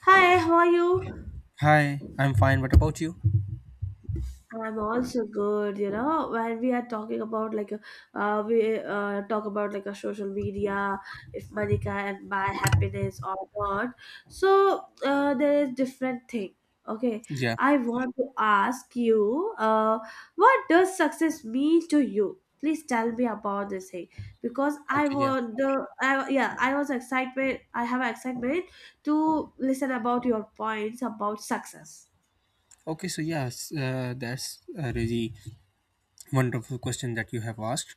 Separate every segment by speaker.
Speaker 1: Hi, how are you?
Speaker 2: Hi, I'm fine. What about you?
Speaker 1: I'm also good. You know, when we are talking about like, we talk about like a social media, if money can buy happiness or not. There is different thing. Okay,
Speaker 2: Yeah.
Speaker 1: I want to ask you, what does success mean to you? Please tell me about this thing because I
Speaker 2: Okay. Yeah.
Speaker 1: want the I, yeah I was excited. I have excitement to listen about your points about success.
Speaker 2: Okay. So yes, that's a really wonderful question that you have asked,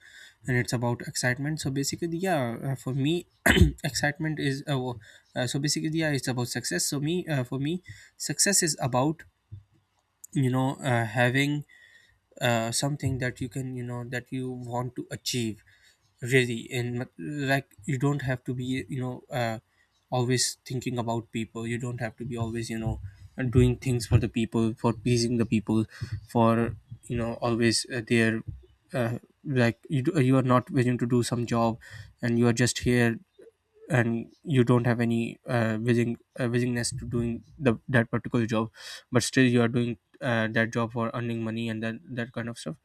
Speaker 2: and it's about excitement. So basically, yeah, for me, excitement is so basically, yeah, it's about success. So for me, success is about you know having something that you can that you want to achieve really, and like you don't have to be always thinking about people. You don't have to be always doing things for the people, for pleasing the people, for always their uh, you are not willing to do some job and you are just here, and you don't have any willingness to doing the that particular job, but still you are doing that job for earning money and that kind of stuff.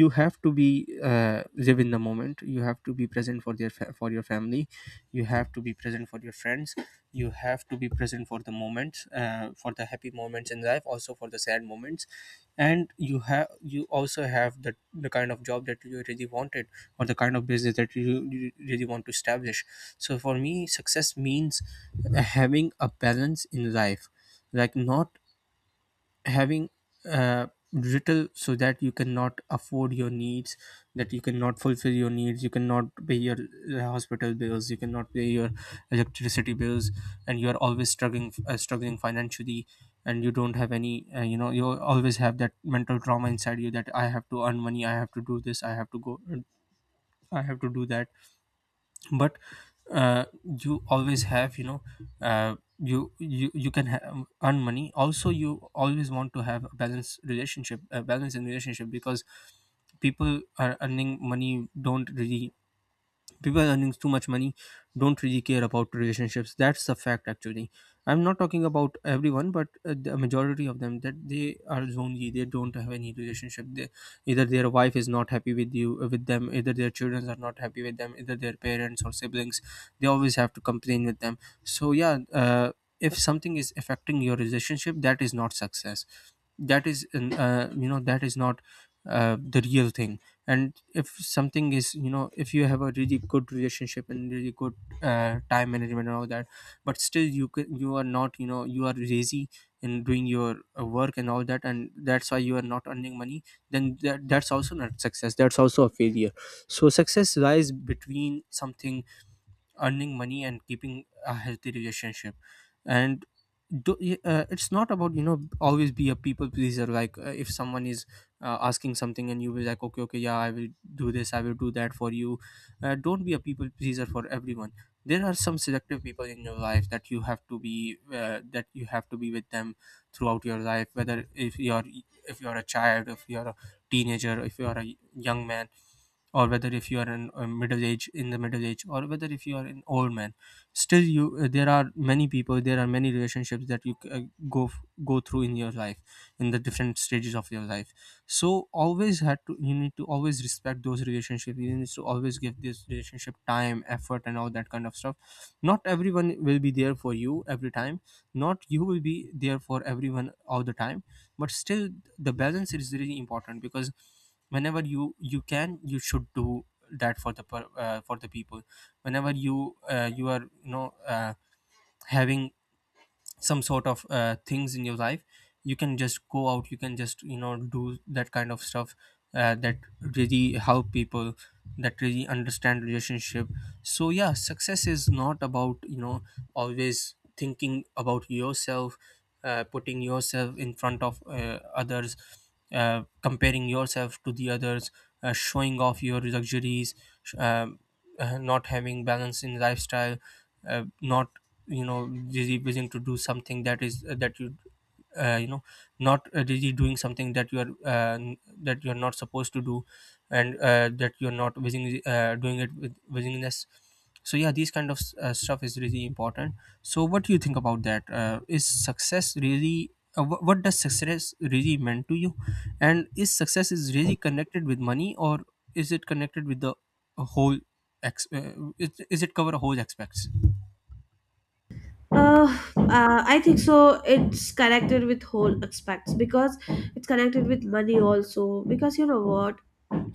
Speaker 2: You have to be live in the moment, you have to be present for for your family, you have to be present for your friends, you have to be present for the moments, for the happy moments in life, also for the sad moments. And you also have the kind of job that you really wanted, or the kind of business that you really want to establish. So for me success means having a balance in life, like not having uh, little so that you cannot afford your needs, that you cannot fulfill your needs, you cannot pay your hospital bills, you cannot pay your electricity bills, and you are always struggling financially. And you don't have any you always have that mental trauma inside you, that I have to earn money, I have to do this, I have to go, I have to do that. But uh, you always have you can earn money also. You always want to have a balanced relationship, a balance in relationship, because people are earning money don't really, people earning too much money don't really care about relationships. That's a fact actually. I'm not talking about everyone, but the majority of them, that they are lonely, they don't have any relationship. They either their wife is not happy with you with them, either their children are not happy with them, either their parents or siblings they always have to complain with them. So yeah, if something is affecting your relationship, that is not success. That is that is not the real thing. And if something is if you have a really good relationship and really good time management and all that, but still you are not, you know, you are lazy in doing your work and all that, and that's why you are not earning money, then that's also not success, that's also a failure. So success lies between something, earning money and keeping a healthy relationship. And it's not about, you know, always be a people pleaser. Like if someone is asking something and you will like, okay, okay, yeah, I will do this, I will do that for you. Don't be a people pleaser for everyone. There are some selective people in your life that you have to be that you have to be with them throughout your life, whether if you're a child, if you're a teenager, if you're a young man, or whether if you are in a middle age, or whether if you are an old man. Still you there are many people, there are many relationships that you go through in your life, in the different stages of your life. So always had to you need to always respect those relationships, you need to always give this relationship time, effort, and all that kind of stuff. Not everyone will be there for you every time, not you will be there for everyone all the time. But still, the balance is really important, because whenever you should do that for for the people. Whenever you are, having some sort of things in your life, you can just go out, you can just, you know, do that kind of stuff, that really help people, that really understand relationship. So yeah, success is not about, you know, always thinking about yourself, putting yourself in front of others, comparing yourself to the others, showing off your luxuries, sh- um, not having balance in lifestyle, not, you know, really willing to do something that is that you you know not really doing something that you are not supposed to do, and that you are not willingly doing it with willingness. So yeah, these kind of stuff is really important. So what do you think about that? Uh, is success really what does success really mean to you? And is success is really connected with money, or is it connected with the whole is it cover a whole aspects?
Speaker 1: Uh, I think so. It's connected with whole aspects because it's connected with money also. Because you know what?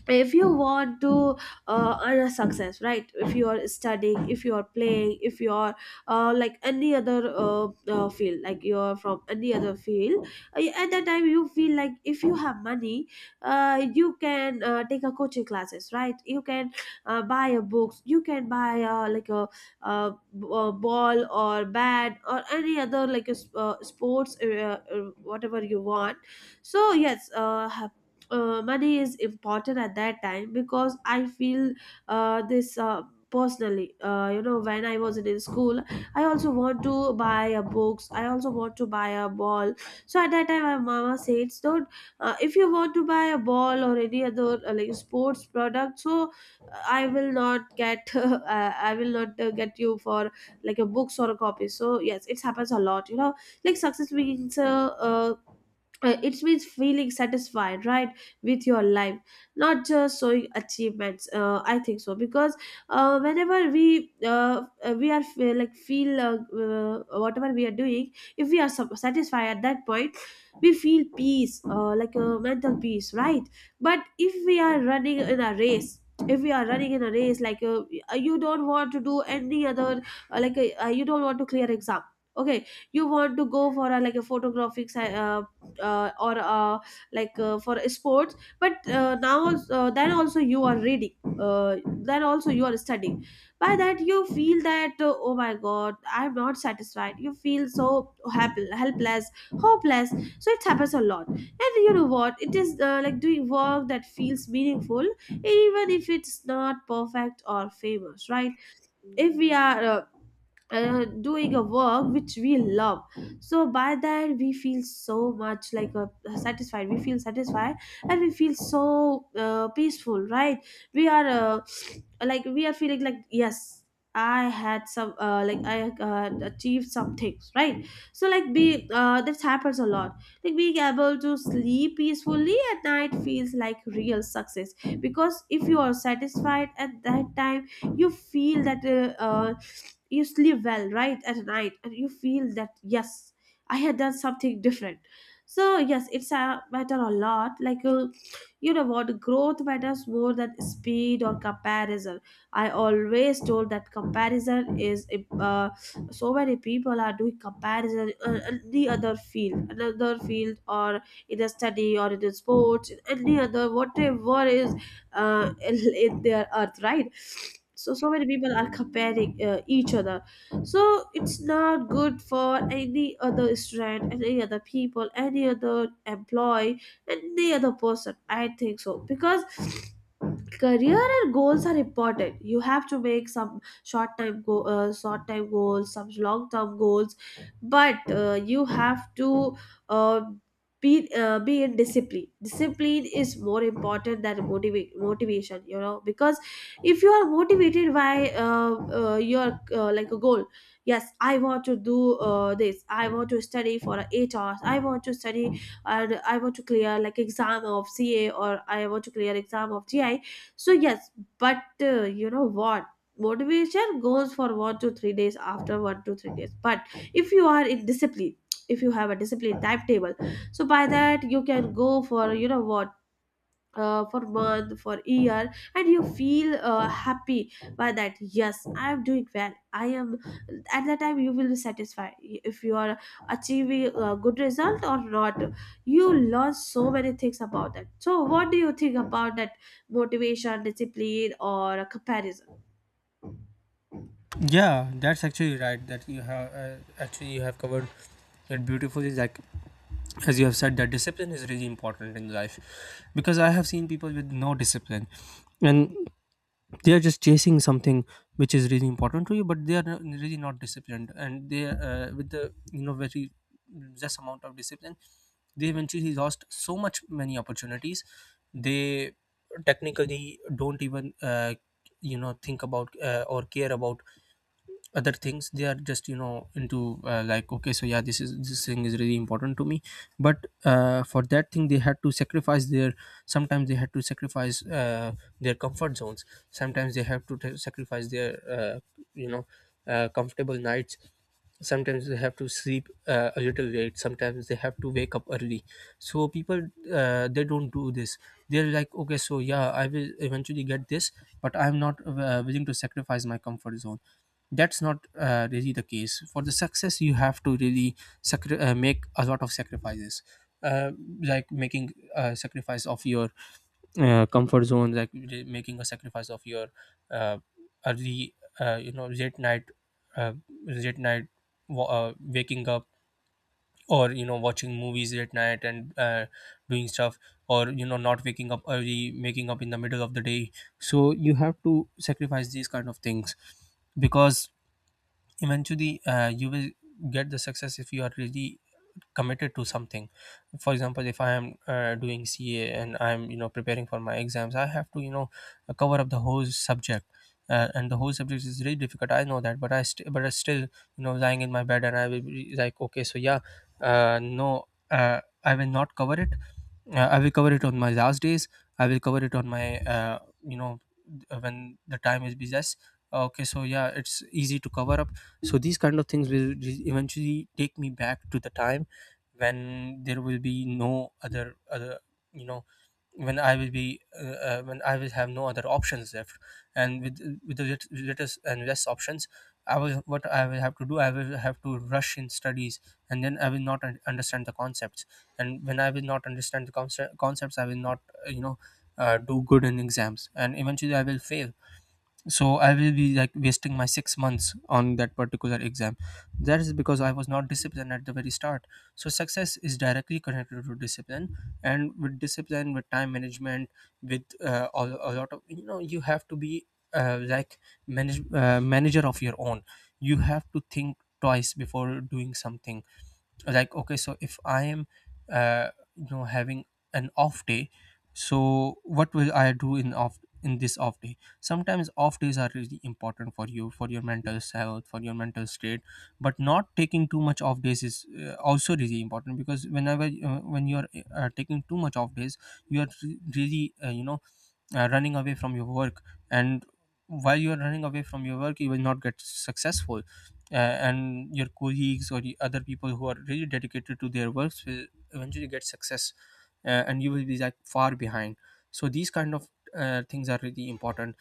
Speaker 1: If you want to earn a success, right? If you are studying, if you are playing, if you are like any other field, like you are from any other field, at that time you feel like if you have money, you can take a coaching classes, right? You can buy a books, you can buy like a, b- a ball or bat or any other like a sports whatever you want. so yes uh, money is important at that time because I feel this personally. You know, when I was in school, I also want to buy a books. I also want to buy a ball. So at that time, my mama said, "Don't if you want to buy a ball or any other like sports product, so I will not get I will not get you for like a books or a copy." So yes, it happens a lot. You know, like success means it means feeling satisfied, right? With your life, not just showing achievements. I think so because whenever uh, we are feel whatever we are doing, if we are satisfied at that point, we feel peace, like a mental peace, right? But if we are running in a race, if we are running in a race like, you don't want to do any other you don't want to clear exam. Okay, you want to go for a, like a photographic si- or like for sports. But now also, then also you are reading, uh, then also you are studying. By that you feel that, oh my god, I'm not satisfied. You feel so helpless, hopeless. So it happens a lot. And you know what it is? Like doing work that feels meaningful, even if it's not perfect or famous, right? If we are doing a work which we love, so by that we feel so much like a satisfied, and we feel so peaceful, right? we are Like we are feeling like, yes, I had some like I achieved some things, right? So like be that happens a lot, like being able to sleep peacefully at night feels like real success. Because if you are satisfied at that time, you feel that you sleep well, right? At night, and you feel that, yes, I had done something different. So yes, it's a matter a lot, like, you know what, growth matters more than speed or comparison. I always told that comparison is uh, so many people are doing comparison in the other field another field, or in a study, or in the sports, in any other whatever is uh, in, their earth, right? So so many people are comparing each other. So it's not good for any other student, any other people, any other employee, any other person, I think so. Because career and goals are important, you have to make some short time goals, some long term goals. But you have to uh, be in discipline. Discipline is more important than motivation, you know, because if you are motivated by your like a goal, yes, I want to do this, I want to study for 8 hours, I want to study and I want to clear like exam of ca or I want to clear exam of gi. So yes, but you know what, motivation goes for 1 to 3 days. After 1 to 3 days, but if you are in discipline, if you have a disciplined timetable, so by that you can go for, you know what, for month, for year, and you feel happy. By that, yes, I am doing well, I am, at that time you will be satisfied, if you are achieving a good result or not, you learn so many things about that. So what do you think about that, motivation, discipline, or comparison?
Speaker 2: Yeah, that's actually right. That you have actually you have covered it beautifully. Like as you have said, that discipline is really important in life, because I have seen people with no discipline, and they are just chasing something which is really important to you, but they are really not disciplined, and they with the, you know, very less amount of discipline, they eventually lost so much many opportunities. They technically don't even think about or care about other things. They are just, you know, into, like okay so yeah this thing is really important to me, but for that thing they had to sacrifice their sometimes they had to sacrifice their comfort zones, sometimes they have to sacrifice their you know comfortable nights, sometimes they have to sleep a little late, sometimes they have to wake up early. So people, they don't do this. They're like, okay so yeah, I will eventually get this, but I'm not willing to sacrifice my comfort zone. That's not really the case for the success. You have to really make a lot of sacrifices, uh, like making a sacrifice of your comfort zone, making a sacrifice of your uh, early uh, late night waking up, or, you know, watching movies late night and doing stuff, or, you know, not waking up early, waking up in the middle of the day. So you have to sacrifice these kind of things, because eventually you will get the success if you are really committed to something. For example, if I am doing CA and I'm, you know, preparing for my exams, I have to, you know, cover up the whole subject, and the whole subject is really difficult, I know that, but but I still, you know, lying in my bed and I will be like, okay so yeah, no, I will not cover it, I will cover it on my last days, I will cover it on my you know when the time is busiest. Okay so yeah, it's easy to cover up. So these kind of things will eventually take me back to the time when there will be no other, you know, when I will have no other options left. And with the latest and less options, I will what I will have to do, I will have to rush in studies, and then I will not understand the concepts. And when I will not understand the concepts, I will not uh, you know do good in exams, and eventually I will fail. So I will be like wasting my 6 months on that particular exam, that is because I was not disciplined at the very start. So success is directly connected to discipline, and with discipline, with time management, with a lot of, you know, you have to be like manager of your own. You have to think twice before doing something, like okay, so if I am uh, having an off day, so what will I do in this off day? Sometimes off days are really important for you, for your mental health, for your mental state, but not taking too much off days is also really important, because when you're taking too much Off days, you are re- really you know running away from your work. And while you are running away from your work, you will not get successful, and your colleagues or the other people who are really dedicated to their works will eventually get success. And you will be like far behind. So these kind of things are really important.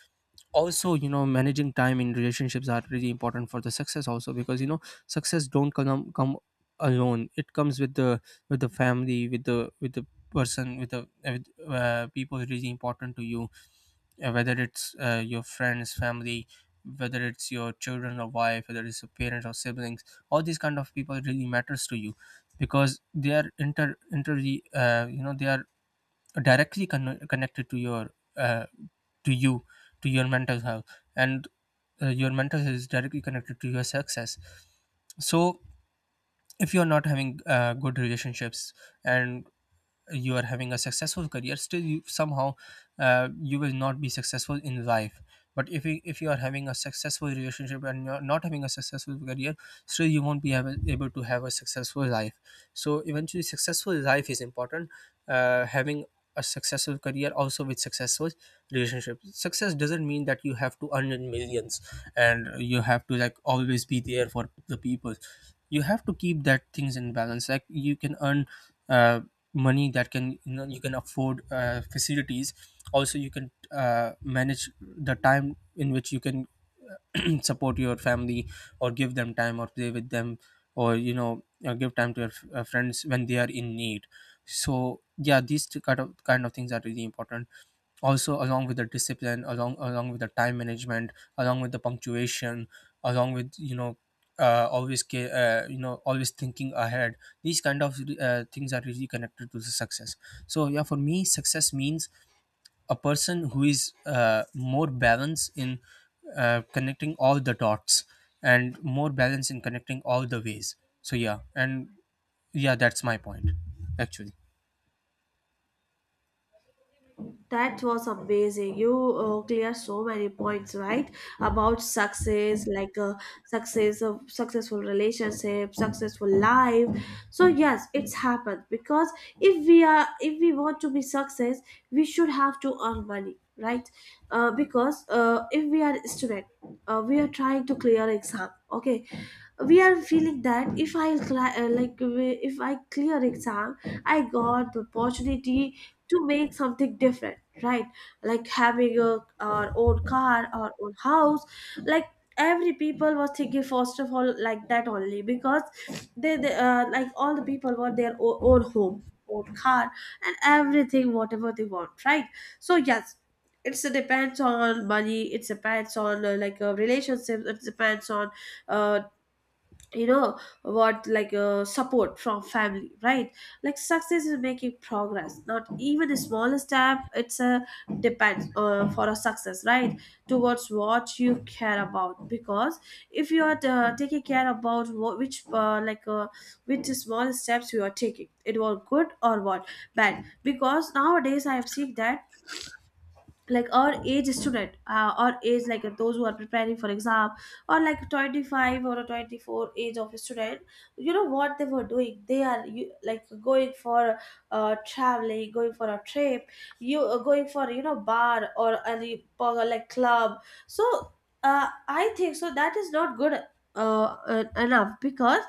Speaker 2: Also, you know, managing time in relationships are really important for the success also, because you know success don't come alone. It comes with the family, with the person, with the people really important to you. Uh, whether it's your friends, family, whether it's your children or wife, whether it's your parents or siblings, all these kind of people really matters to you. Because they are inter inter you know they are directly connected to your uh, to you, to your mental health. And your mental health is directly connected to your success. So if you're not having good relationships, and you are having a successful career, still you, somehow, you will not be successful in life. But if if you are having a successful relationship and you're not having a successful career, still you won't able to have a successful life. So eventually successful life is important, having a successful career also with successful relationship. Success doesn't mean that you have to earn in millions and you have to like always be there for the people. You have to keep that things in balance. Like, you can earn uh, money that can, you know, you can afford facilities. Also you can manage the time in which you can support your family, or give them time, or play with them, or you know give time to your friends when they are in need. So yeah, these two kind of things are really important. Also along with the discipline, along with the time management, along with the punctuation, along with, you know, always you know, always thinking ahead. These kind of things are really connected to the success. So yeah, for me success means a person who is more balanced in connecting all the dots, and more balanced in connecting all the ways. So yeah. And yeah, that's my point, actually.
Speaker 1: That was amazing. You clear so many points, right? About success, like, success of successful relationship, successful life. So yes, it's happened because if we want to be success, we should have to earn money, right? Because if we are student, we are trying to clear exam. Okay, we are feeling that if I cli- like we- if I clear exam, I got the opportunity to make something different, right? Like having a our own car, our own house. Like every people was thinking first of all like that only, because they like all the people were their own, own home, own car, and everything whatever they want, right? So yes, it's, it depends on money, it depends on relationships, it depends on uh, you know what, like support from family, right? Like success is making progress, not even a small step, it's a depends for a success, right? Towards what you care about, because if you are taking care about what, which like which small steps you are taking, it was good or what bad. Because nowadays I am seeing that, like or age student, or age, like those who are preparing for exam, or like 25 or a 24 age of a student, you know what they were doing? Like going for traveling, going for a trip, you going for, you know, bar or any or like club. So I think so that is not good enough, because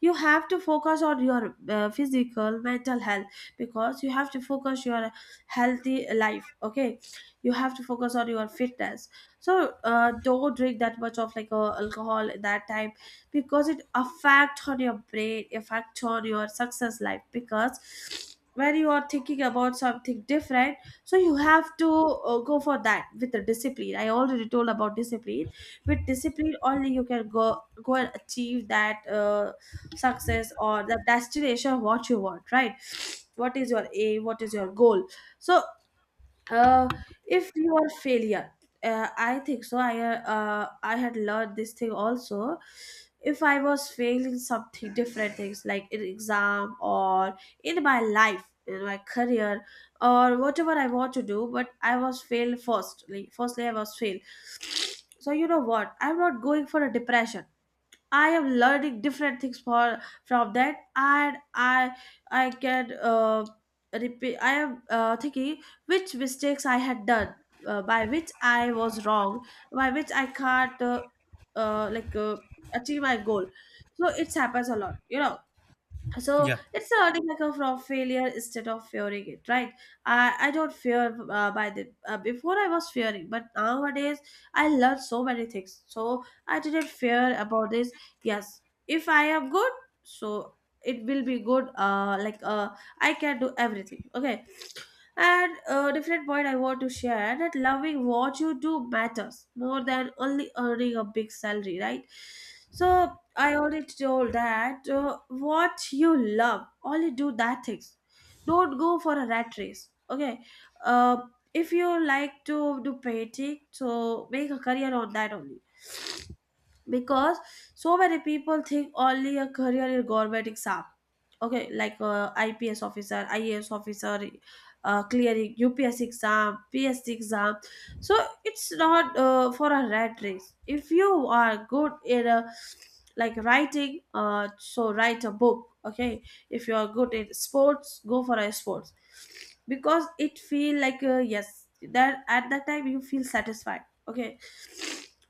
Speaker 1: you have to focus on your physical mental health, because you have to focus your healthy life. Okay, you have to focus on your fitness. So don't drink that much of like alcohol at that time, because it affect on your brain, affect on your success life. Because when you are thinking about something different, so you have to go for that with the discipline. I already told about discipline. With discipline only you can go and achieve that, success or the destination what you want, right? What is your aim, what is your goal? So uh if you are failure, I think so, I had learned this thing also. If I was failing something different things, like in exam, or in my life, in my career, or whatever I want to do, but I was failed. Firstly I was failed, so you know what, I'm not going for a depression. I am learning different things for, from that. And I can repeat. I am thinking which mistakes I had done, by which I was wrong, by which I can't uh, like uh, achieve my goal. So it happens a lot, you know. So
Speaker 2: Yeah.
Speaker 1: it's a like of failure instead of fearing it, right? I don't fear by the before I was fearing, but nowadays I learned so many things, so I didn't fear about this. Yes, if I am good, so it will be good, I can do everything. Okay. And a different point I want to share that loving what you do matters more than only earning a big salary, right? So I already told that, what you love, only do that things. Don't go for a rat race. Okay. Uh, if you like to do painting, so make a career on that only because so many people think only a career in government exam. Okay, like IPS officer, IAS officer, clearing UPS exam, PSC exam. So it's not for a rat race. If you are good in a like writing, so write a book. Okay, if you are good in sports, go for a sports because it feel like yes, that at that time you feel satisfied. Okay,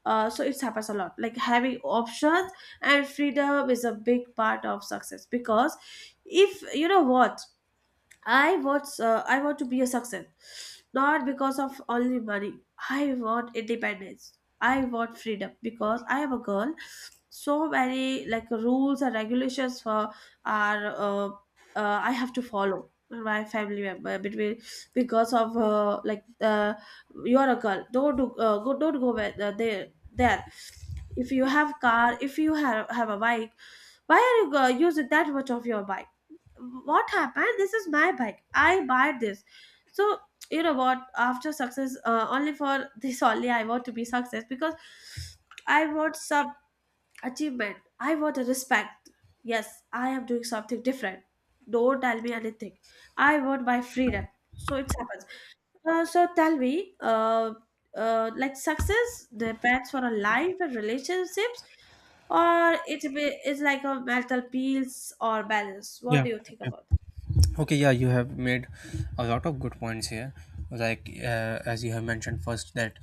Speaker 1: so it happens a lot, like having options and freedom is a big part of success because if you know what I want. I want to be a success, not because of only money. I want independence. I want freedom because I am a girl. So many like rules and regulations for are I have to follow my family member between because of like you are a girl. Don't do, go, don't go where, there. If you have car, if you have a bike, why are you using that much of your bike? What happened? This is my bike, I buy this. So you know what? After success, only for this only I want to be success because I want some achievement, I want a respect. Yes, I am doing something different. Don't tell me anything. I want my freedom. So it happens. So tell me, like success depends for a life and relationships, or it be, is like a mental peace or balance? What
Speaker 2: Yeah.
Speaker 1: do you think about?
Speaker 2: Okay, yeah, you have made a lot of good points here. Like as you have mentioned first, that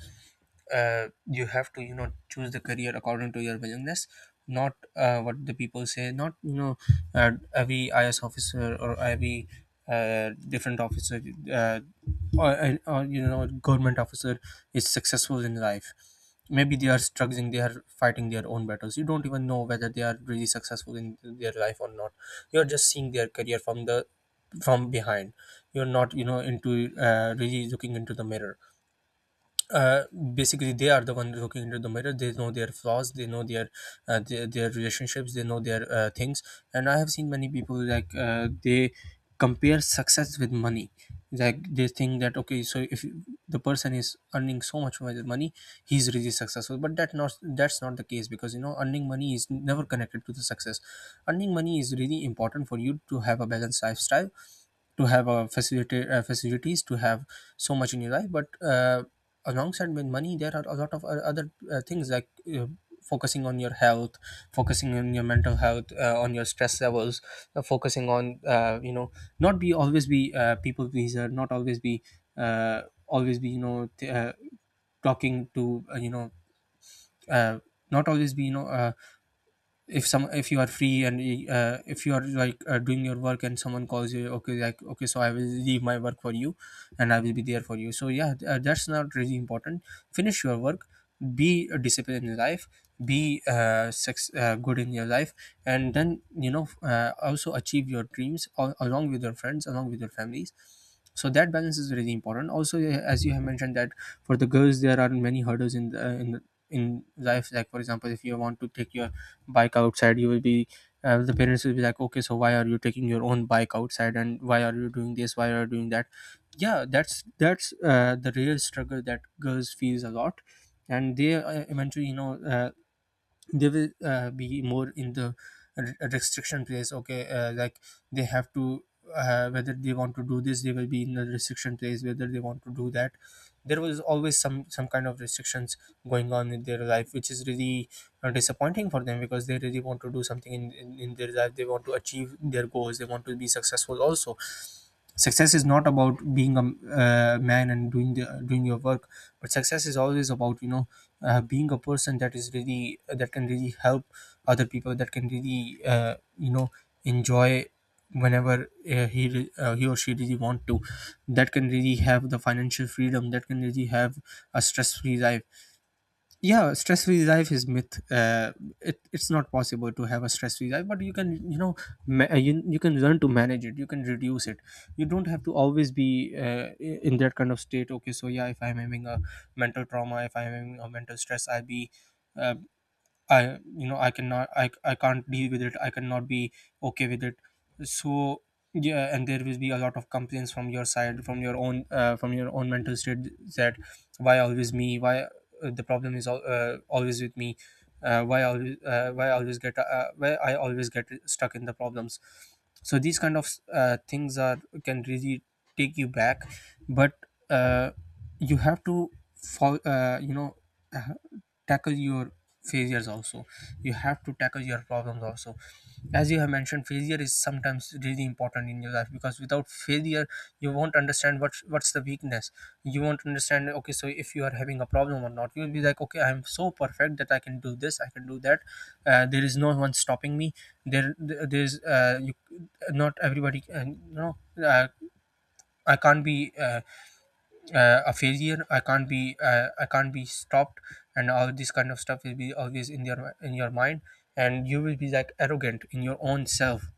Speaker 2: you have to, you know, choose the career according to your willingness, not what the people say, not, you know, every IAS officer or every different officer, uh, or, you know, government officer is successful in life. Maybe they are struggling, they are fighting their own battles. You don't even know whether they are really successful in their life or not. You're just seeing their career from the from behind. You're not, you know, into really looking into the mirror. Uh, basically they are the one looking into the mirror. They know their flaws, they know their their relationships, they know their things. And I have seen many people like they compare success with money. Like they think that, okay, so if the person is earning so much money, he's really successful. But that not, that's not the case, because you know earning money is never connected to the success. Earning money is really important for you to have a balanced lifestyle, to have a facility, facilities, to have so much in your life. But alongside with money there are a lot of other things, like uh, focusing on your health, focusing on your mental health, on your stress levels, focusing on you know, not be always be people pleaser, not always be uh, always be, you know, talking to you know, uh, not always be, you know, if some, if you are free and if you are like doing your work, and someone calls you, okay like, okay so I will leave my work for you and I will be there for you. So yeah, that's not really important. Finish your work, be disciplined in your life, be good in your life, and then, you know, also achieve your dreams along with your friends, along with your families. So that balance is really important. Also as you have mentioned, that for the girls there are many hurdles in in life. Like, for example, if you want to take your bike outside, you will be the parents will be like, okay so why are you taking your own bike outside, and why are you doing this, why are you doing that. Yeah, that's the real struggle that girls feels a lot. And they eventually, you know, they will be more in the restriction place. Okay, like they have to whether they want to do this, they will be in the restriction place, whether they want to do that. There was always some kind of restrictions going on in their life, which is really disappointing for them, because they really want to do something in their life. They want to achieve their goals, they want to be successful also. Success is not about being a man and doing the doing your work. But success is always about, you know, being a person that is really that can really help other people, that can really you know, enjoy whenever he or she really want to, that can really have the financial freedom, that can really have a stress free life. Yeah, stress-free life is myth. It's not possible to have a stress-free life, but you can, you know, you can learn to manage it, you can reduce it. You don't have to always be in that kind of state. Okay, so yeah, if I'm having a mental trauma, if I'm having a mental stress, I'll be uh, I can't deal with it, I cannot be okay with it. So yeah, and there will be a lot of complaints from your side, from your own mental state, that why always me, why the problem is always with me. Why I always get stuck in the problems? So these kind of things are, can really take you back. But uh, you have to fall you know, tackle your failures also, you have to tackle your problems also. As you have mentioned, failure is sometimes really important in your life, because without failure you won't understand what's the weakness. You won't understand, okay so if you are having a problem or not. You'll be like, okay, I'm so perfect that I can do this, I can do that, there is no one stopping me. There- there's you Not everybody, you know, uh, I can't be a failure, I can't be I can't be stopped. And all this kind of stuff will be always in your mind, and you will be like arrogant in your own self.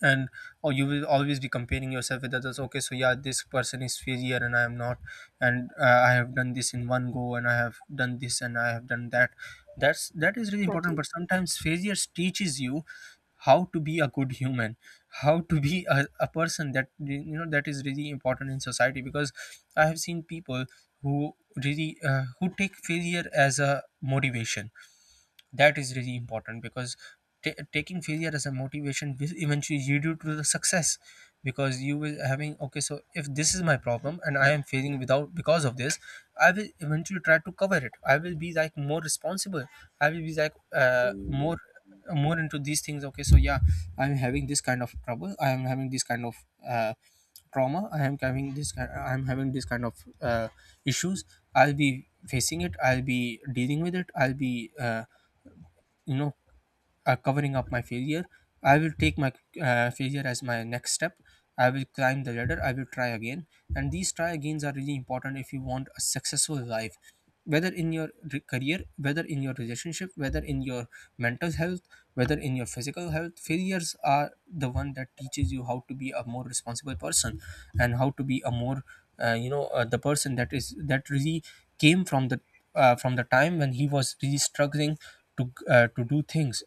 Speaker 2: And or you will always be comparing yourself with others. Okay, so yeah, this person is failure and I am not, and I have done this in one go, and I have done this, and I have done that. That is really important.
Speaker 1: Exactly,
Speaker 2: But sometimes failure teaches you how to be a good human, how to be a person that, you know, that is really important in society. Because I have seen people who really who take failure as a motivation. That is really important, because ta taking failure as a motivation will eventually lead you to the success. Because you will having, okay so if this is my problem and I am failing without, because of this, I will eventually try to cover it. I will be like more responsible, I will be like uh, more more into these things. Okay, so yeah, I'm having this kind of trouble, I am having this kind of uh, trauma, I am having I am having this kind of uh, issues. I'll be facing it, I'll be dealing with it, I'll be uh, you know covering up my failure. I will take my failure as my next step. I will climb the ladder, I will try again. And these try agains are really important if you want a successful life. Whether in your career, whether in your relationship, whether in your mental health, whether in your physical health, failures are the one that teaches you how to be a more responsible person, and how to be a more the person that is that really came from the time when he was really struggling to do things.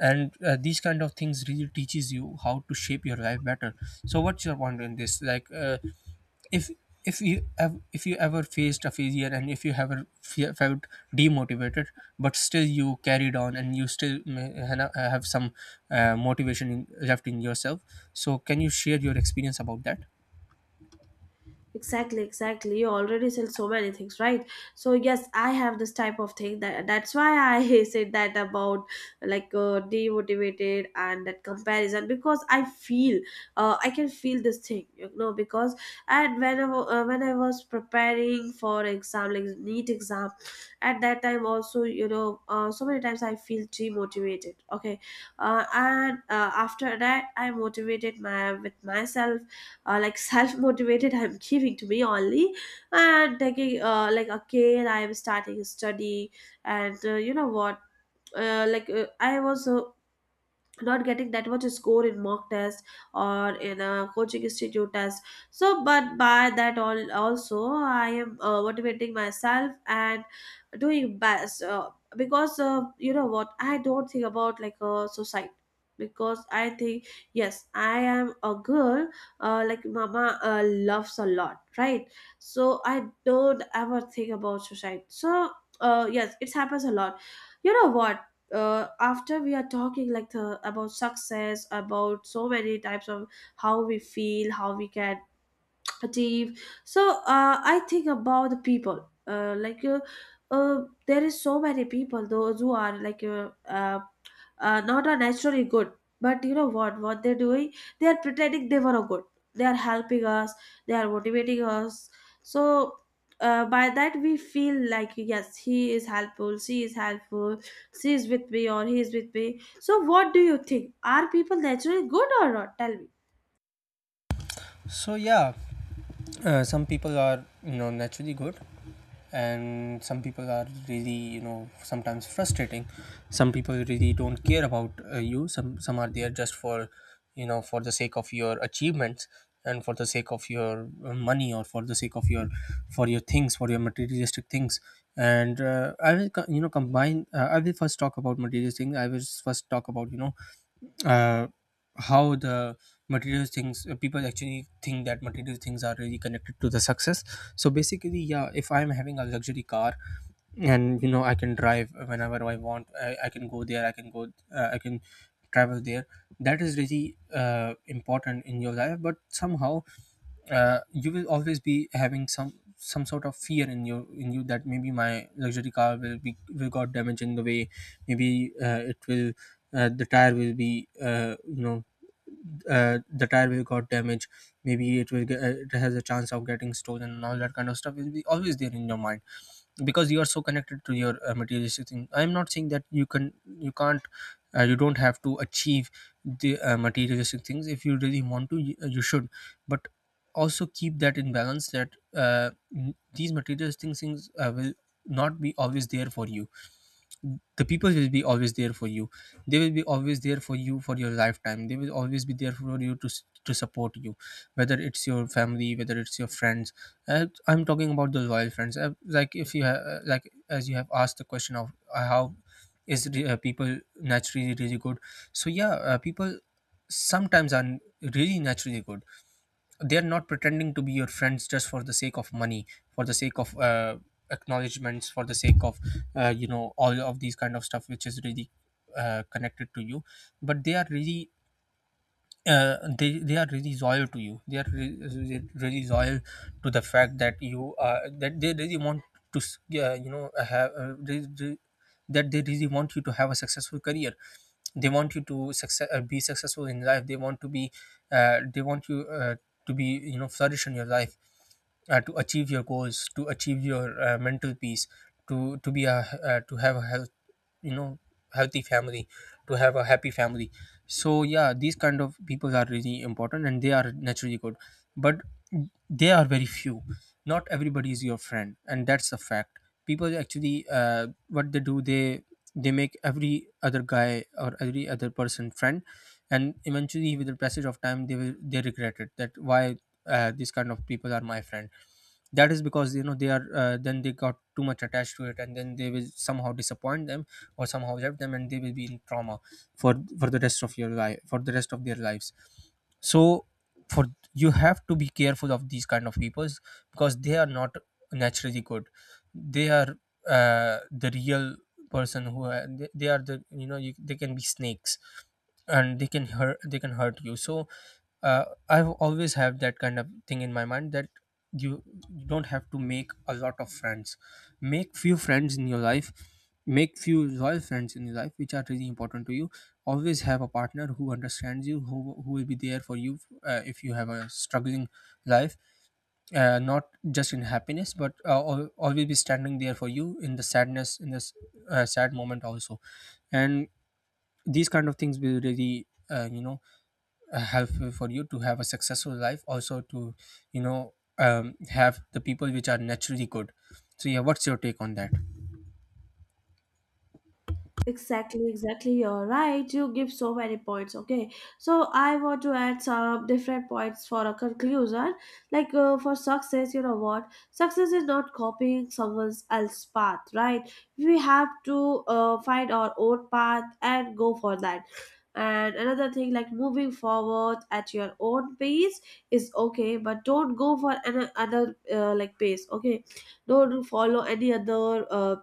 Speaker 2: And these kind of things really teaches you how to shape your life better. So what's your point in this, like, if if you ever faced a failure, and if you ever felt demotivated but still you carried on, and you still may have some motivation in, left in yourself, so can you share your experience about that?
Speaker 1: exactly, exactly. You already sell so many things, right? So yes, I have this type of thing. That's why I said that about like demotivated and that comparison because I feel, I can feel this thing, you know. Because and whenever when I was preparing for exam, like neat exam, at that time also, you know, so many times I feel demotivated. Okay, and after that, I motivated my with myself, like self-motivated, I'm giving to me only and taking, like again I am starting study. And you know what, like I was not getting that much score in mock test or in a coaching institute test. So but by that all also I am motivating myself and doing best. Because you know what, I don't think about like a society because I think yes, I am a girl. Like mama loves a lot, right? So I don't ever think about society. So yes, it happens a lot. You know what, after we are talking like the, about success, about so many types of how we feel, how we can achieve. So I think about the people, there is so many people those who are like not are naturally good. But you know what they're doing? They are pretending they were a good, they are helping us, they are motivating us. So by that we feel like yes, he is helpful, she is helpful, she is with me or he is with me. So what do you think, are people naturally good or not? Tell me.
Speaker 2: So yeah, some people are, you know, naturally good, and some people are really, you know, sometimes frustrating. Some people really don't care about you. Some are there just for, you know, for the sake of your achievements, and for the sake of your money, or for the sake of your, for your things, for your materialistic things. And I will you know, combine, I will first talk about materialistic things. I will first talk about, you know, uh, how the material things, people actually think that material things are really connected to the success. So basically, yeah, if I'm having a luxury car, and you know, I can drive whenever I want, I can go there, I can go, I can travel there. That is really important in your life, but somehow, you will always be having some sort of fear in you, in you, that maybe my luxury car will be, will got damaged in the way. Maybe it will, the tire will be, you know, the tire will got damaged. Maybe it will get, it has a chance of getting stolen, and all that kind of stuff will be always there in your mind, because you are so connected to your materialistic thing. I am not saying that you can, you can't, you don't have to achieve the materialistic things. If you really want to, you should, but also keep that in balance that, these materialistic things will not be always there for you. The people will be always there for you. They will be always there for you for your lifetime. They will always be there for you to to support you, whether it's your family, whether it's your friends. I'm talking about the loyal friends. Like, if you like, as you have asked the question of how is people naturally really good. So yeah, people sometimes are really naturally good. They're not pretending to be your friends just for the sake of money, for the sake of acknowledgments, for the sake of you know, all of these kind of stuff which is really connected to you, but they are really they are really loyal to you. They are really loyal to the fact that you are, that they really want to yeah, you know, have, that they really want you to have a successful career. They want you to success, be successful in life. They want to be they want you to be, you know, flourish in your life, to achieve your goals, to achieve your mental peace, to be a to have a health, you know, healthy family, to have a happy family. So yeah, these kind of people are really important and they are naturally good, but they are very few. Not everybody is your friend, and that's a fact. People actually, what they do, they make every other guy or every other person friend, and eventually, with the passage of time, they will, they regret it, that why these kind of people are my friend. That is because, you know, they are, then they got too much attached to it, and then they will somehow disappoint them or somehow hurt them, and they will be in trauma for the rest of your life, for the rest of their lives. So, for, you have to be careful of these kind of people, because they are not naturally good. They are the real person who are, they are the, you know, they can be snakes, and they can hurt, they can hurt you. So I've always have that kind of thing in my mind, that you, you don't have to make a lot of friends. Make few friends in your life. Make few loyal friends in your life which are really important to you. Always have a partner who understands you, who will be there for you. If you have a struggling life, not just in happiness, but always be standing there for you in the sadness, in this sad moment also. And these kind of things will really you know, helpful for you to have a successful life, also to, you know, have the people which are naturally good. So yeah, what's your take on that?
Speaker 1: Exactly, exactly. You're right. You give so many points. Okay. So I want to add some different points for a conclusion. Like for success, you know what? Success is not copying someone else's path, right? We have to find our own path and go for that. And another thing, like moving forward at your own pace is okay, but don't go for another like pace. Okay, don't follow any other,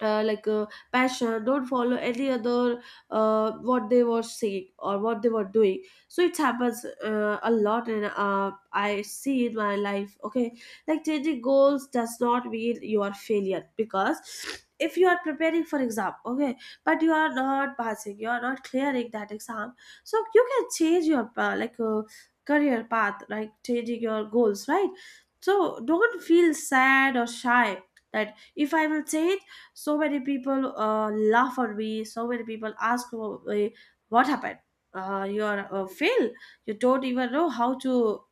Speaker 1: uh, like uh, passion. Don't follow any other what they were saying or what they were doing. So it happens a lot, and I see in my life. Okay, like changing goals does not mean you are failure, because if you are preparing for exam, okay, but you are not passing, you are not clearing that exam, so you can change your, career path, like changing your goals, right? So don't feel sad or shy that if I will change, so many people laugh at me, so many people ask, what happened, you are fail, you don't even know how to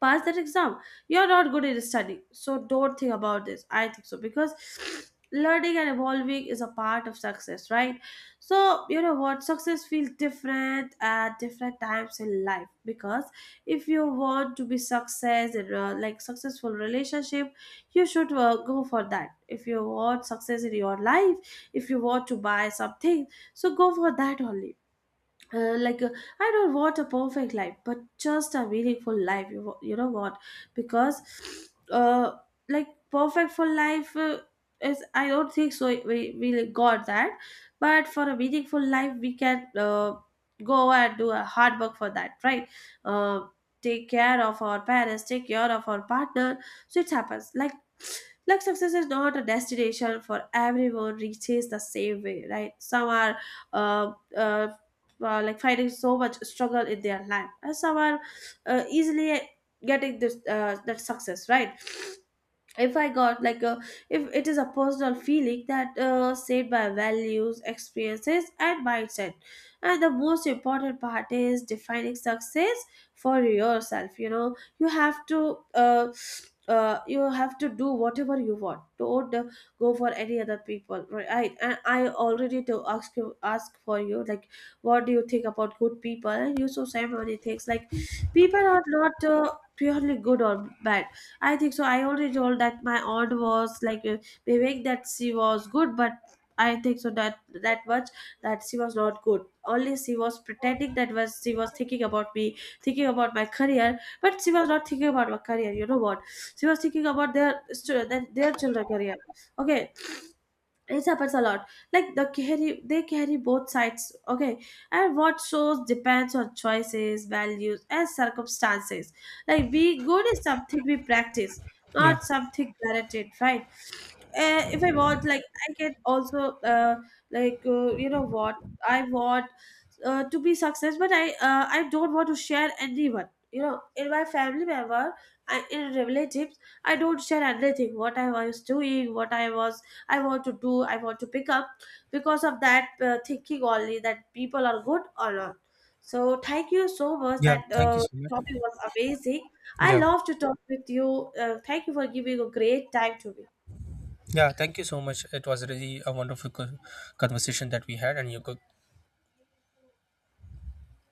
Speaker 1: pass that exam, you're not good at study. So don't think about this, I think so, because learning and evolving is a part of success, right? So you know what, success feels different at different times in life, because if you want to be success in like successful relationship, you should go for that. If you want success in your life, if you want to buy something, so go for that only. uh, like uh, I don't want a perfect life, but just a meaningful life. You know what? Because, uh, like perfect for life is, I don't think so we really got that, but for a meaningful life, we can go and do a hard work for that, right? Uh, Take care of our parents, take care of our partner. So it happens. Like success is not a destination for everyone reaches the same way, right? Some are. Uh, uh, like fighting so much struggle in their life, and some are easily getting this that success, right? If I got like a, if it is a personal feeling that shaped by values, experiences and mindset, and the most important part is defining success for yourself. You know, you have to do whatever you want. Don't go for any other people, right? And I already to ask you, ask for you, like, what do you think about good people? And you so say many things. Like, people are not purely good or bad, I think so. I already told that my aunt was like Vivek, that she was good, but I think so that that much that she was not good. Only she was pretending, that was she was thinking about me, thinking about my career, but she was not thinking about my career. You know what? She was thinking about their children career. Okay, it happens a lot. Like the carry, they carry both sides. Okay, and what shows depends on choices, values and circumstances. Like be good is something we practice,
Speaker 2: Yeah.
Speaker 1: not something guaranteed, right? If I watch, like, I can also, you know what, I want to be success, but I don't want to share anyone. You know, in my family member, I, in relatives, I don't share anything. What I was doing, what I was, I want to do, I want to pick up, because of that thinking only that people are good or not. So thank you so much.
Speaker 2: Yeah,
Speaker 1: That
Speaker 2: thank you so much.
Speaker 1: topic was amazing. I
Speaker 2: Yeah.
Speaker 1: love to talk with you. Thank you for giving a great time to me.
Speaker 2: Yeah, thank you so much. It was really a wonderful conversation that we had, and you could